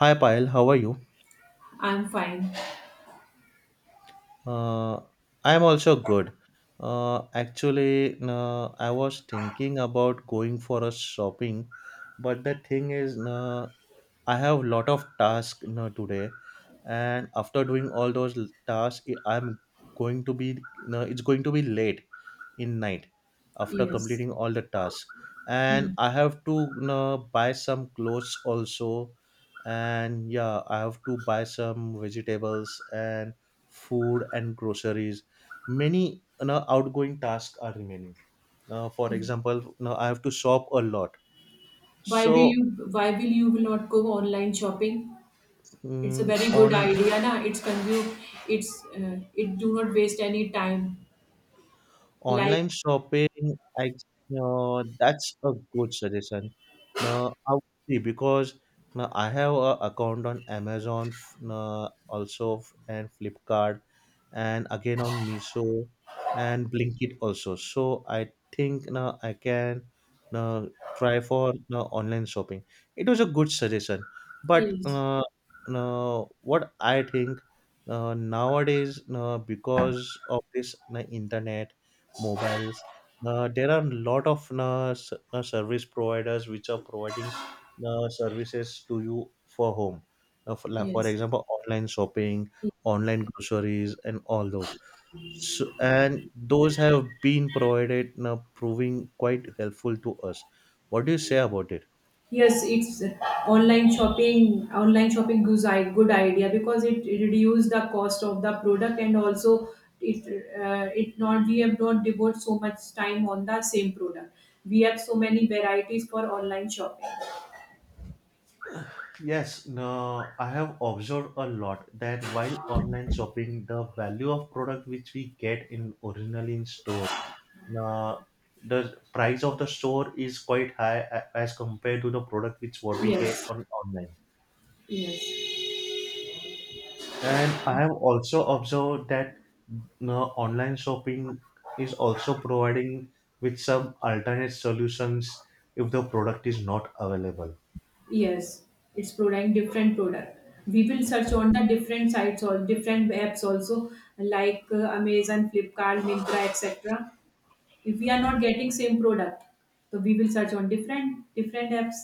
Hi Payal, how are you? I'm fine. Uh, I'm also good. Actually, I was thinking about going for a shopping, but the thing is, I have lot of tasks today, and after doing all those tasks, I'm going to be it's going to be late in night after Yes. completing all the tasks, and Hmm. I have to buy some clothes also, and yeah, I have to buy some vegetables and food and groceries many outgoing tasks are remaining now. For example, now I have to shop a lot so Why will you will not go online shopping? It's a very good on idea, na? It's consume it do not waste any time. Like online shopping, I that's a good suggestion. Now I would see because now I have a account on Amazon, now also and Flipkart, and again on Miso and Blinkit also. So I think now I can now try for now online shopping. It was a good suggestion, but yes, now what I think nowadays because of this internet, mobiles. There are a lot of service providers which are providing services to you for home. For, like, for yes. example, online shopping, online groceries, and all those. So, and those have been provided, proving quite helpful to us. What do you say about it? Yes, it's online shopping. Online shopping is a good idea because it reduce the cost of the product and also it it not we have not devote so much time on the same product. We have so many varieties for online shopping. Yes, no, I have observed a lot that while online shopping, the value of product which we get in originally in store, uh, the price of the store is quite high as compared to the product which what we get Yes. on online. Yes. And I have also observed that no, online shopping is also providing with some alternate solutions if the product is not available. Yes, it's product different product. We will search on the different sites or different apps also like Amazon, Flipkart, Myntra, etc. If we are not getting same product, so we will search on different apps.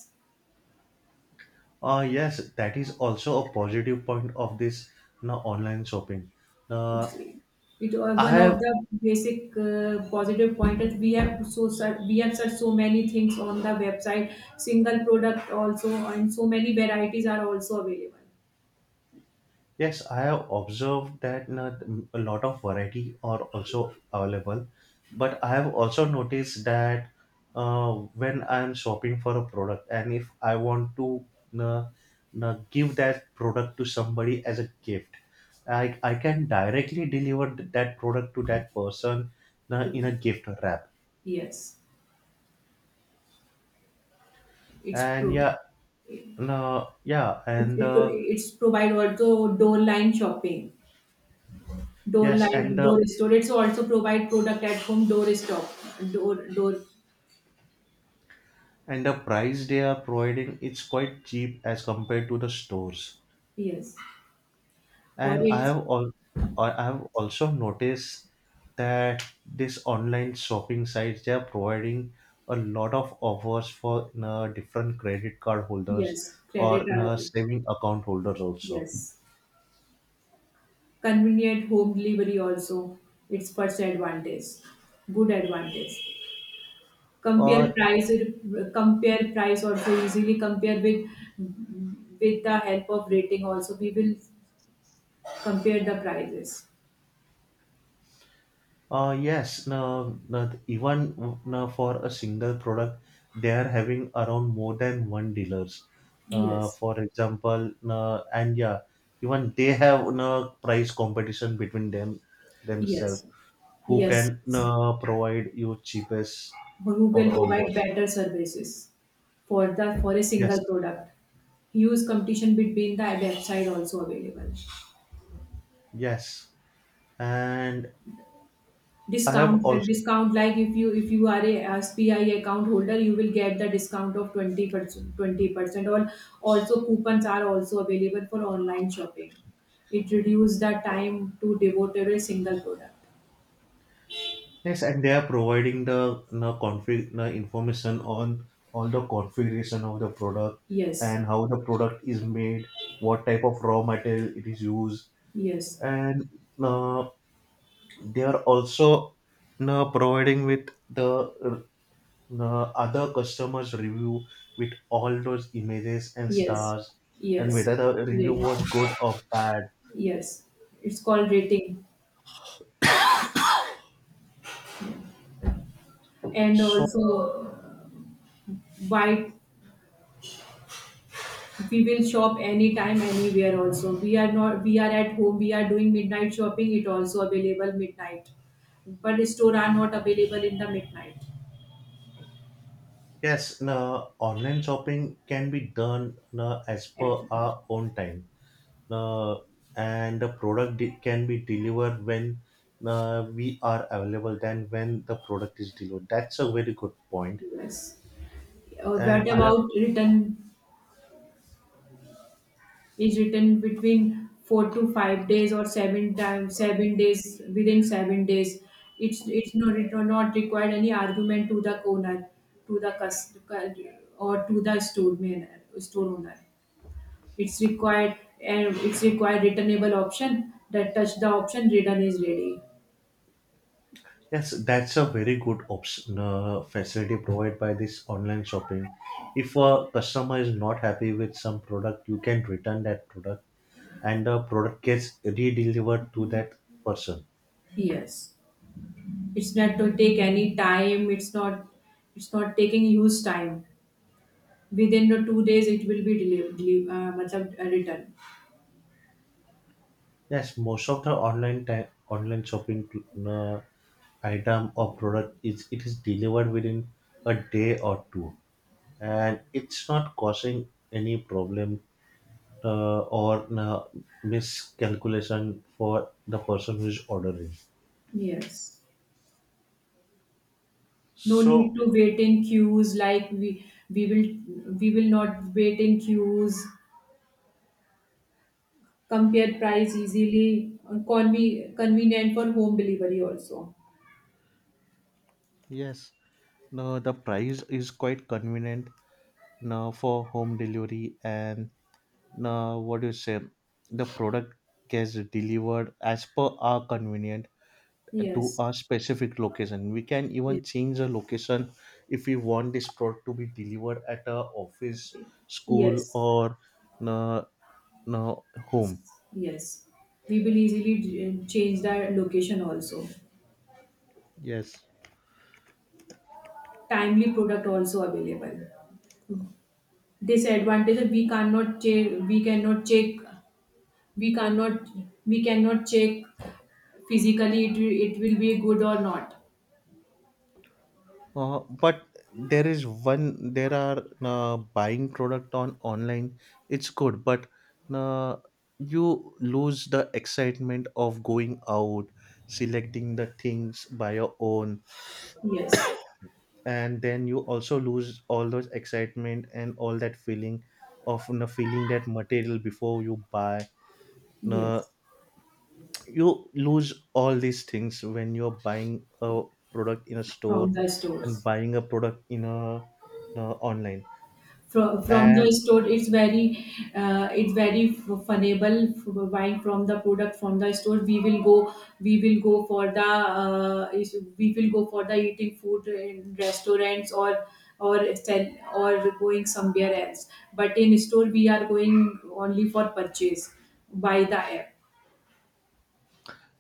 Yes, that is also a positive point of this now online shopping. Uh, It's, it I one have of the basic positive pointers we have so search, we have searched so many things on the website. Single product also and so many varieties are also available. yes, I have observed that na, a lot of variety are also available, but I have also noticed that when I am shopping for a product and if I want to na, na, give that product to somebody as a gift, I can directly deliver that product to that person na, To in a that. gift wrap. Yes, it's And true. yeah, no, yeah, It, and it, it's provide also door line shopping, door yes, line, door store. It's also provide product at home, door stop, door, door, and the price they are providing it's quite cheap as compared to the stores. yes. Or And I it's, have all I have also noticed that this online shopping sites they are providing a lot of offers for different credit card holders yes, credit, or available. saving account holders also. Yes. Convenient home delivery also, it's first advantage, good advantage. Uh, Compare price, compare price also easily compare with the help of rating also, we will compare the prices. Yes, now, now even now for a single product, they are having around more than one dealers. Yes, For example, and yeah, even they have price competition between them themselves. yes, Who yes. can Yes. Provide you cheapest Who or can all provide those? better services for the for a Yes, single product. Huge competition between the website also available. yes. And I have Discount the discount like if you are a SPI account holder, you will get the discount of 20%, 20% or also coupons are also available for online shopping. It reduces the time to devote to a single product. yes, and they are providing the config the information on all the configuration of the product Yes, and how the product is made, what type of raw material it is used, yes, and uh, they are also providing with the uh, other customers review with all those images and yes, stars and yes, whether the review rate. was good or bad. Yes. It's called rating. And So also why we will shop anytime anywhere also we are not we are at home we are doing midnight shopping it also available midnight but store are not available in the midnight yes, you online shopping can be done you as per at our own time. uh, and the product can be delivered when we are available than when the product is delivered. That's a very good point. us And what I have about return is written between 4 to 5 days or seven times 7 days within 7 days it's not it not required any argument to the owner to the cust or to the store owner it's required and it's required returnable option that touch the option return is ready yes, that's a very good option facility provided by this online shopping. If a customer is not happy with some product, you can return that product, and the product gets redelivered to that person. yes it's not to take any time it's not taking huge time within the 2 days it will be delivered returned Yes, most of the online time, online shopping uh, item or product is it is delivered within a day or two and it's not causing any problem or miscalculation for the person who is ordering. yes no need So to wait in queues like we will not wait in queues compare price easily convenient for home delivery also yes, no, the price is quite convenient now for home delivery, and now what do you say the product gets delivered as per our convenience to a yes specific location. We can even yes change the location if we want this product to be delivered at a office, school, yes or uh, home. yes we will easily change the location also Yes. timely product also available disadvantage is we cannot check we cannot check we cannot we cannot check physically it, it will be good or not but there is one there are buying product on online, it's good, but uh, you lose the excitement of going out, selecting the things by your own, yes and then you also lose all those excitement and all that feeling of feeling that material before you buy. No, yes you lose all these things when you're buying a product in a store from the and stores buying a product in a, you know, online. From the And store it's very funnable buying from the product from the store we will go for the we will go for the eating food in restaurants or or going somewhere else but in store we are going only for purchase by the app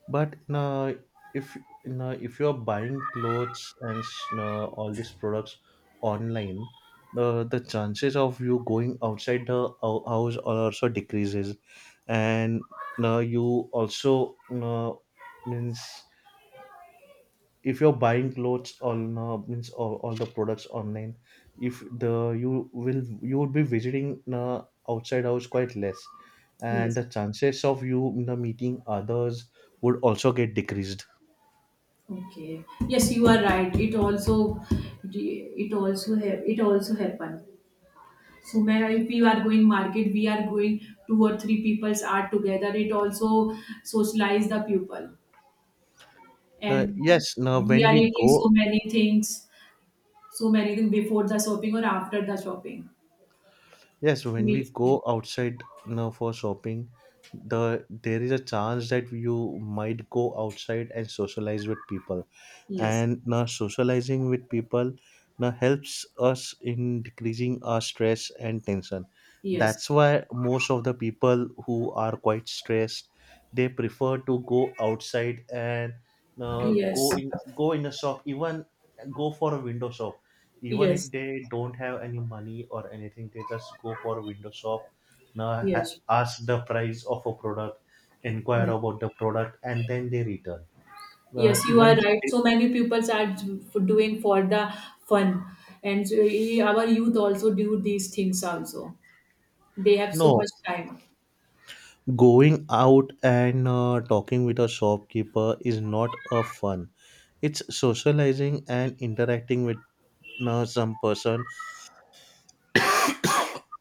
but if you're buying clothes and all these products online, the chances of you going outside the house also decreases, and you also means if you're buying clothes on means all the products online, if the you will you would be visiting outside house quite less, and the yes chances of you meeting others would also get decreased. okay yes you are right it also help it also happen. So where if you are going market, we are going two or three peoples are together. It also socialize the people, and Yes, now we when are we eating go, so many things before the shopping or after the shopping. yes, when we Meet. go outside now for shopping, the there is a chance that you might go outside and socialize with people, Yes. and now socializing with people now helps us in decreasing our stress and tension. Yes. That's why most of the people who are quite stressed, they prefer to go outside and Yes. go in go in a shop, even go for a window shop even if Yes. they don't have any money or anything, they just go for a window shop, now Yes. ask the price of a product, inquire Yes. about the product, and then they return. Yes, you Even are if right. they, So many people are doing for the fun, and so, eh, our youth also do these things. Also, they have so no, much time. going out and talking with a shopkeeper is not a fun, it's socializing and interacting with some person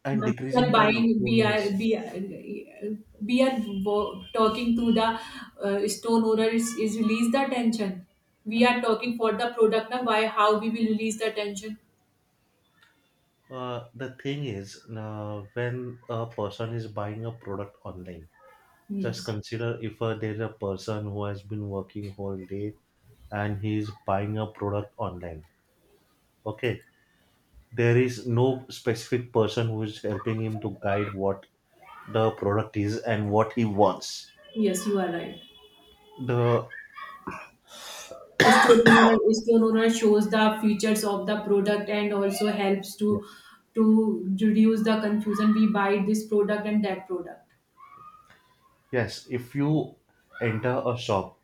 and We are decreasing the buying loneliness. We are talking to the stone owner is release the tension we are talking for the product now why how we will release the tension The thing is when a person is buying a product online, just yes consider if there's a person who has been working whole day and he is buying a product online. Okay, there is no specific person who is helping him to guide what the product is and what he wants. yes you are right The stone owner shows the features of the product and also helps yes, to reduce the confusion we buy this product and that product yes. If you enter a shop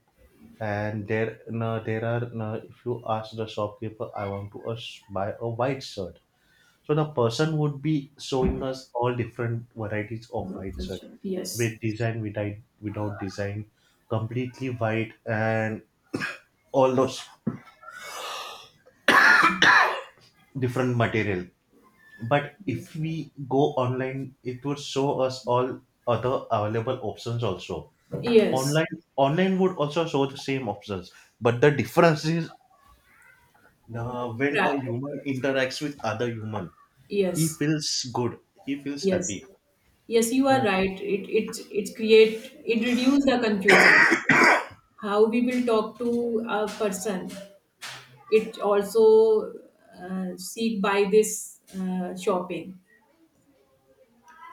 and there no, there are no, if you ask the shopkeeper, I want to buy a white shirt. So the person would be showing us all different varieties of white shirt yes with design, without, without design, completely white, and all those different material. But yes if we go online, it would show us all other available options also. yes Online, online would also show the same options. But the difference is when Pra- a human interacts with other human, he yes feels good. He feels yes. happy. Yes, you are right. It create it reduce the confusion. How we will talk to a person. It also seek by this shopping.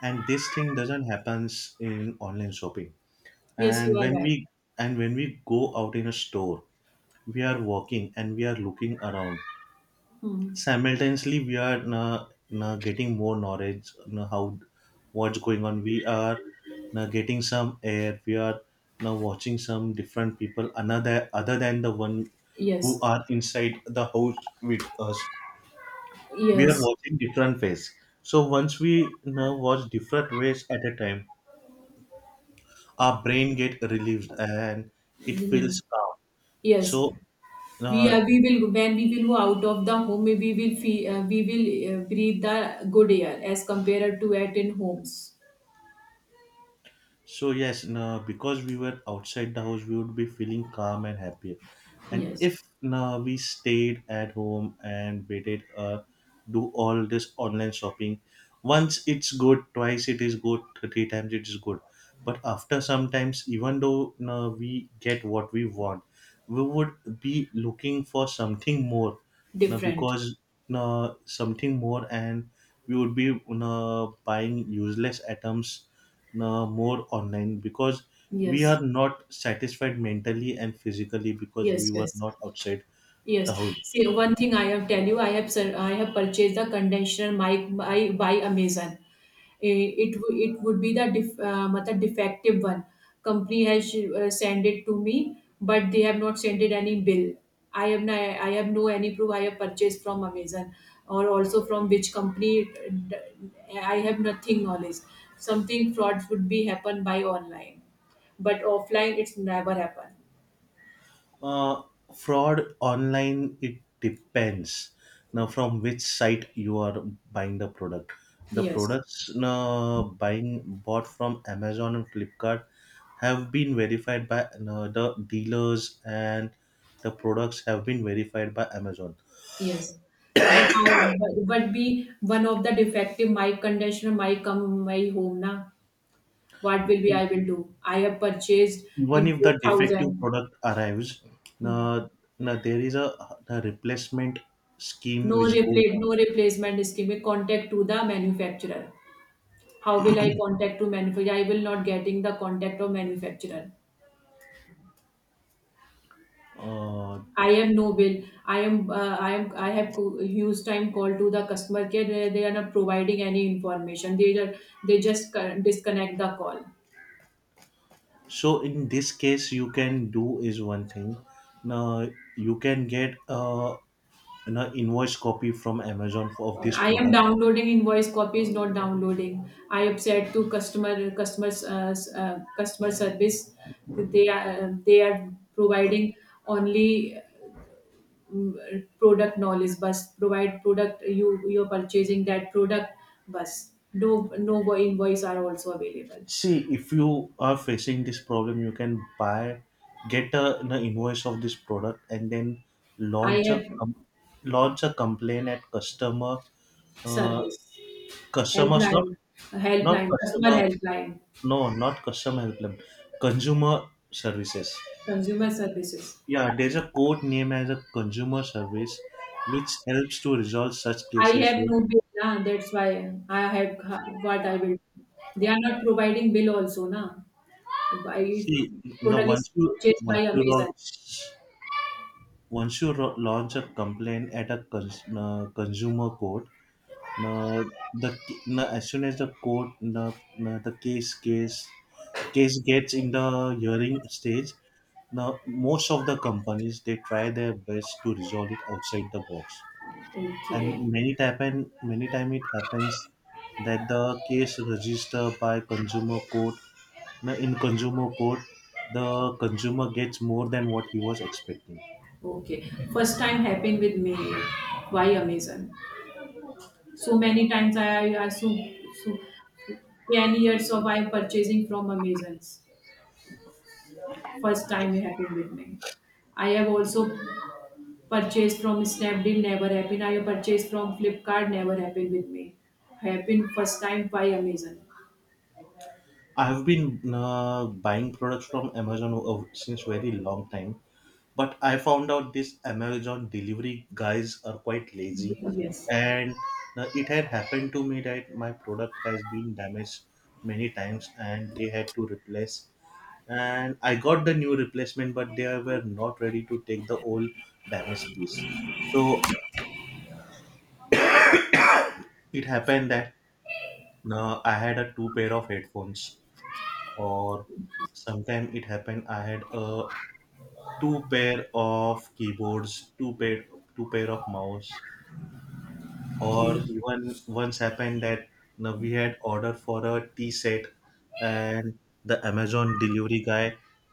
And this thing doesn't happens in online shopping. Yes, you and are when right. we and when we go out in a store, we are walking and we are looking around. Hmm. Simultaneously we are getting more knowledge, how what's going on, we are getting some air, we are now watching some different people another other than the one who Yes, are inside the house with us, we are yes, watching different ways. So once we now watch different ways at a time, our brain get relieved and it feels yes, calm. yes. So We uh, are. We will when we will go out of the home. We will feel, we will breathe the good air as compared to at in homes. so yes, now because we were outside the house, we would be feeling calm and happier. And Yes, if now we stayed at home and waited, do all this online shopping, once it's good, twice it is good, three times it is good. But after sometimes, even though now we get what we want, we would be looking for something more. Now different. because now something more, and we would be now buying useless items more online because we Yes, are not satisfied mentally and physically because we yes, were yes. not outside the Yes. house. See, one thing I have tell you, I have purchased the condenser mic by Amazon. Eh, it would be the matlab defective one. Company has sent it to me, but they have not sent it any bill. I have no any proof. I have purchased from Amazon or also from which company. I have nothing knowledge. Something frauds would be happen by online, but offline it's never happen. Uh, fraud online, it depends now from which site you are buying the product. The Yes. products buying bought from Amazon and Flipkart have been verified by the dealers and the products have been verified by Amazon. Yes. But how, but be one of the defective my conditioner my come my home na what will be I will do I have purchased Even in if the defective 4000. product arrives, Hmm. uh, now there is a replacement scheme No which goes replace on. no replacement scheme contact to the manufacturer how will I contact to manufacturer I will not getting the contact of manufacturer Uh, I am no bill I am huge time call to the customer care they are not providing any information they are they just disconnect the call so in this case, you can do is one thing. Now you can get an invoice copy from Amazon for, of this I am product. downloading invoice copy is not downloading. I upset to customer service. They are providing only product knowledge bus provide product you you're purchasing that product bus no no invoice are also available. See, if you are facing this problem, you can buy, get a, an invoice of this product, and then I launch a have com- launch a complaint at customer uh, service customers helpline not helpline customer customer, helpline no, not customer helpline, consumer services. consumer services Yeah, there's a code name as a consumer service which helps to resolve such I cases. have When, no bill, na. That's why I have what I will. They are not providing bill also, na. I see, now product is purchased by once you Amazon. launch once you launch a complaint at a consumer court, now the now as soon as the court now, now the case case gets in the hearing stage, now, most of the companies they try their best to resolve it outside the box, and Okay, many happen many time it happens that the case registered by consumer court. Now, in consumer court, the consumer gets more than what he was expecting. okay. First time happened with me. Why Amazon? So many times I so 10 years of I am purchasing from Amazons. First time it happened with me. I have also purchased from Snapdeal, never happened. I have purchased from Flipkart, never happened with me. Happened first time by Amazon. I have been buying products from Amazon since very long time, but I found out this Amazon delivery guys are quite lazy Yes, and it had happened to me that my product has been damaged many times and they had to replace and I got the new replacement, but they were not ready to take the old damaged piece. So it happened that I had a two pair of headphones, or sometime it happened I had a two pair of keyboards, two pair two pair of mouse, or okay. even once happened that you know, we had ordered for a tea set and the Amazon delivery guy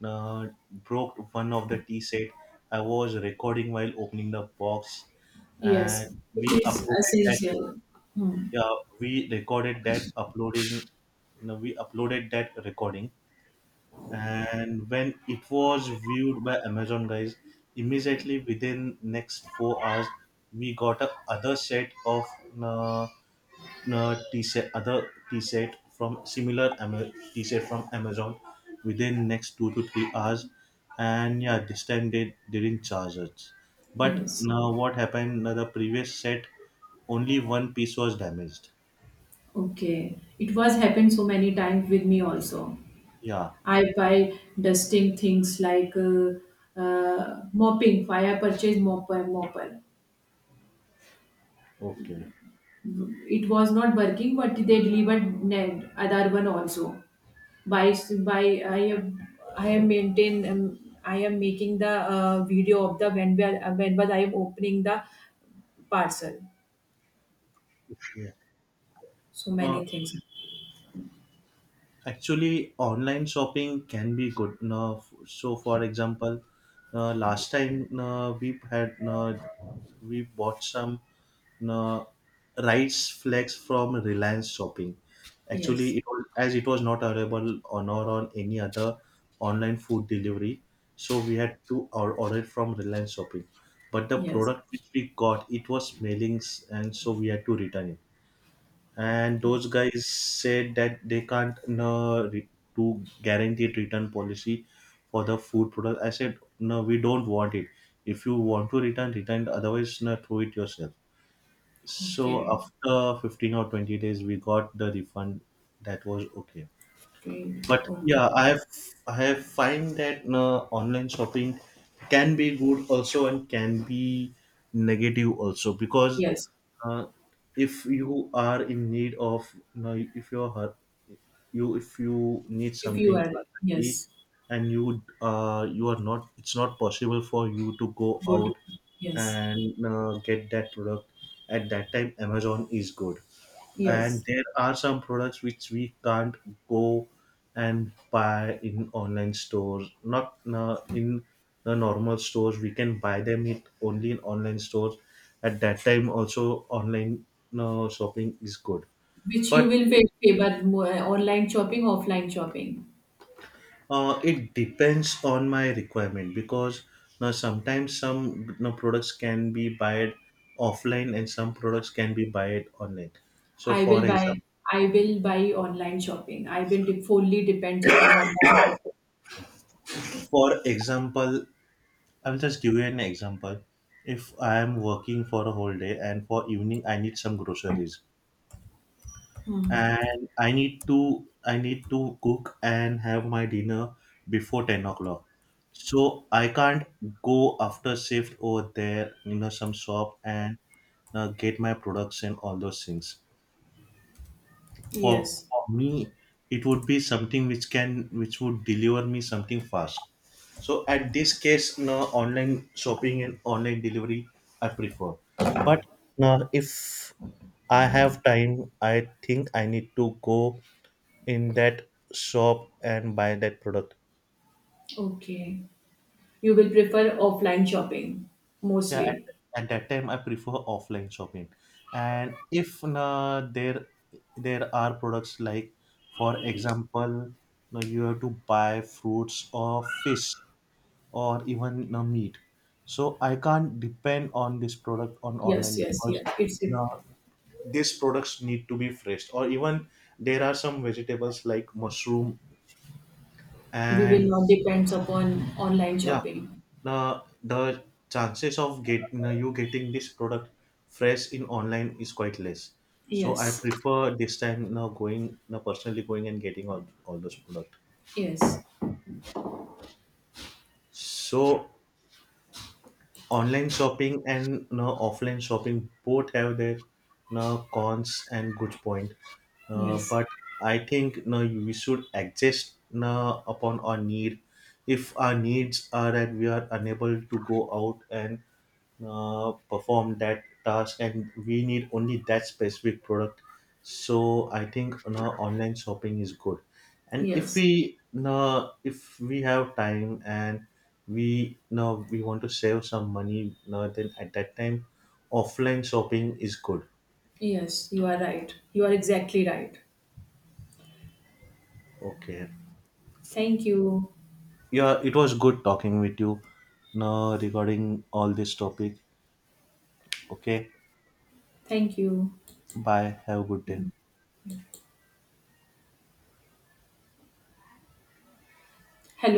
broke one of the tea set. I was recording while opening the box and Yes, we it is uploaded that. essential. Hmm. Yeah, we recorded that uploading, you know, we uploaded that recording, and when it was viewed by Amazon guys, immediately within next 4 hours we got a other set of uh, t-shirt other t-shirt from Amazon within next 2 to 3 hours. And yeah, this time they didn't charge us. But Yes, now what happened, the previous set only one piece was damaged. okay. It was happened so many times with me also. Yeah. I buy dusting things like mopping. I have purchased mopper, mopper. Okay. It was not working, but they delivered other one also. By by, I am maintain I am making the video of the when we are, when was I am opening the parcel. Yeah. So uh, many things. Actually, online shopping can be good now. So for example, last time we had we bought some no, rights flags from Reliance Shopping. Actually, Yes, it was, as it was not available on or on any other online food delivery, so we had to order it from Reliance Shopping. But the yes. product which we got, it was smelling, and so we had to return it. And O- those guys said that they can't, no, do guaranteed return policy for the food product. I said, no, we don't want it. If you want to return, return. Otherwise, no, throw it yourself. So Okay, after 15 or 20 days, we got the refund. That was okay. great. But Okay, yeah, I have find that online shopping can be good also and can be negative also, because yes. uh, if you are in need of, you know, if you're hurt, you if you need If you something are urgently yes, and you are not, it's not possible for you to go go to out yes, and get that product, at that time Amazon is good. And yes. there are some products which we can't go and buy in online stores, not in the normal stores, we can buy them it only in online stores. At that time also online shopping is good. Which you But will favor more, online shopping, offline shopping. It depends on my requirement, because now sometimes some, you know, products can be bought offline and some products can be bought online. So I for will example, buy I will buy online shopping. I will fully depends upon online shopping. for example I'll just give you an example. If I'm working for a whole day and for evening I need some groceries Hmm. and I need to cook and have my dinner before 10 o'clock. So I can't go after shift over there, you know, some shop and get my products and all those things. Yes. For me, it would be something which can, which would deliver me something fast. So at this case, no, online shopping and online delivery I prefer. But now if I have time, I think I need to go in that shop and buy that product. Okay. You will prefer offline shopping Yeah, mostly. at that time I prefer offline shopping. And if there are products like, for example, now you have to buy fruits or fish, or even meat. So I can't depend on this product on Yes, online, yes, because yes. It's it. now these products need to be fresh. Or even there are some vegetables like mushroom We will and not depends upon online yeah, shopping. now the chances of get you getting this product fresh in online is quite less. So I Yes, prefer this time, now going, now personally going and getting all those products. yes, So online shopping and now offline shopping both have their now cons and good point. Yes, But I think now we should adjust now upon our need. If our needs are that we are unable to go out and perform that task and we need only that specific product, so I think, you know, online shopping is good. And if yes, we, you know, if we have time and we, you know, we want to save some money, you know, then at that time offline shopping is good. yes. You are right. You are exactly right. Okay. Thank you. Yeah, it was good talking with you, you know, regarding all this topic. Okay, Thank you. bye, have a good day. Hello.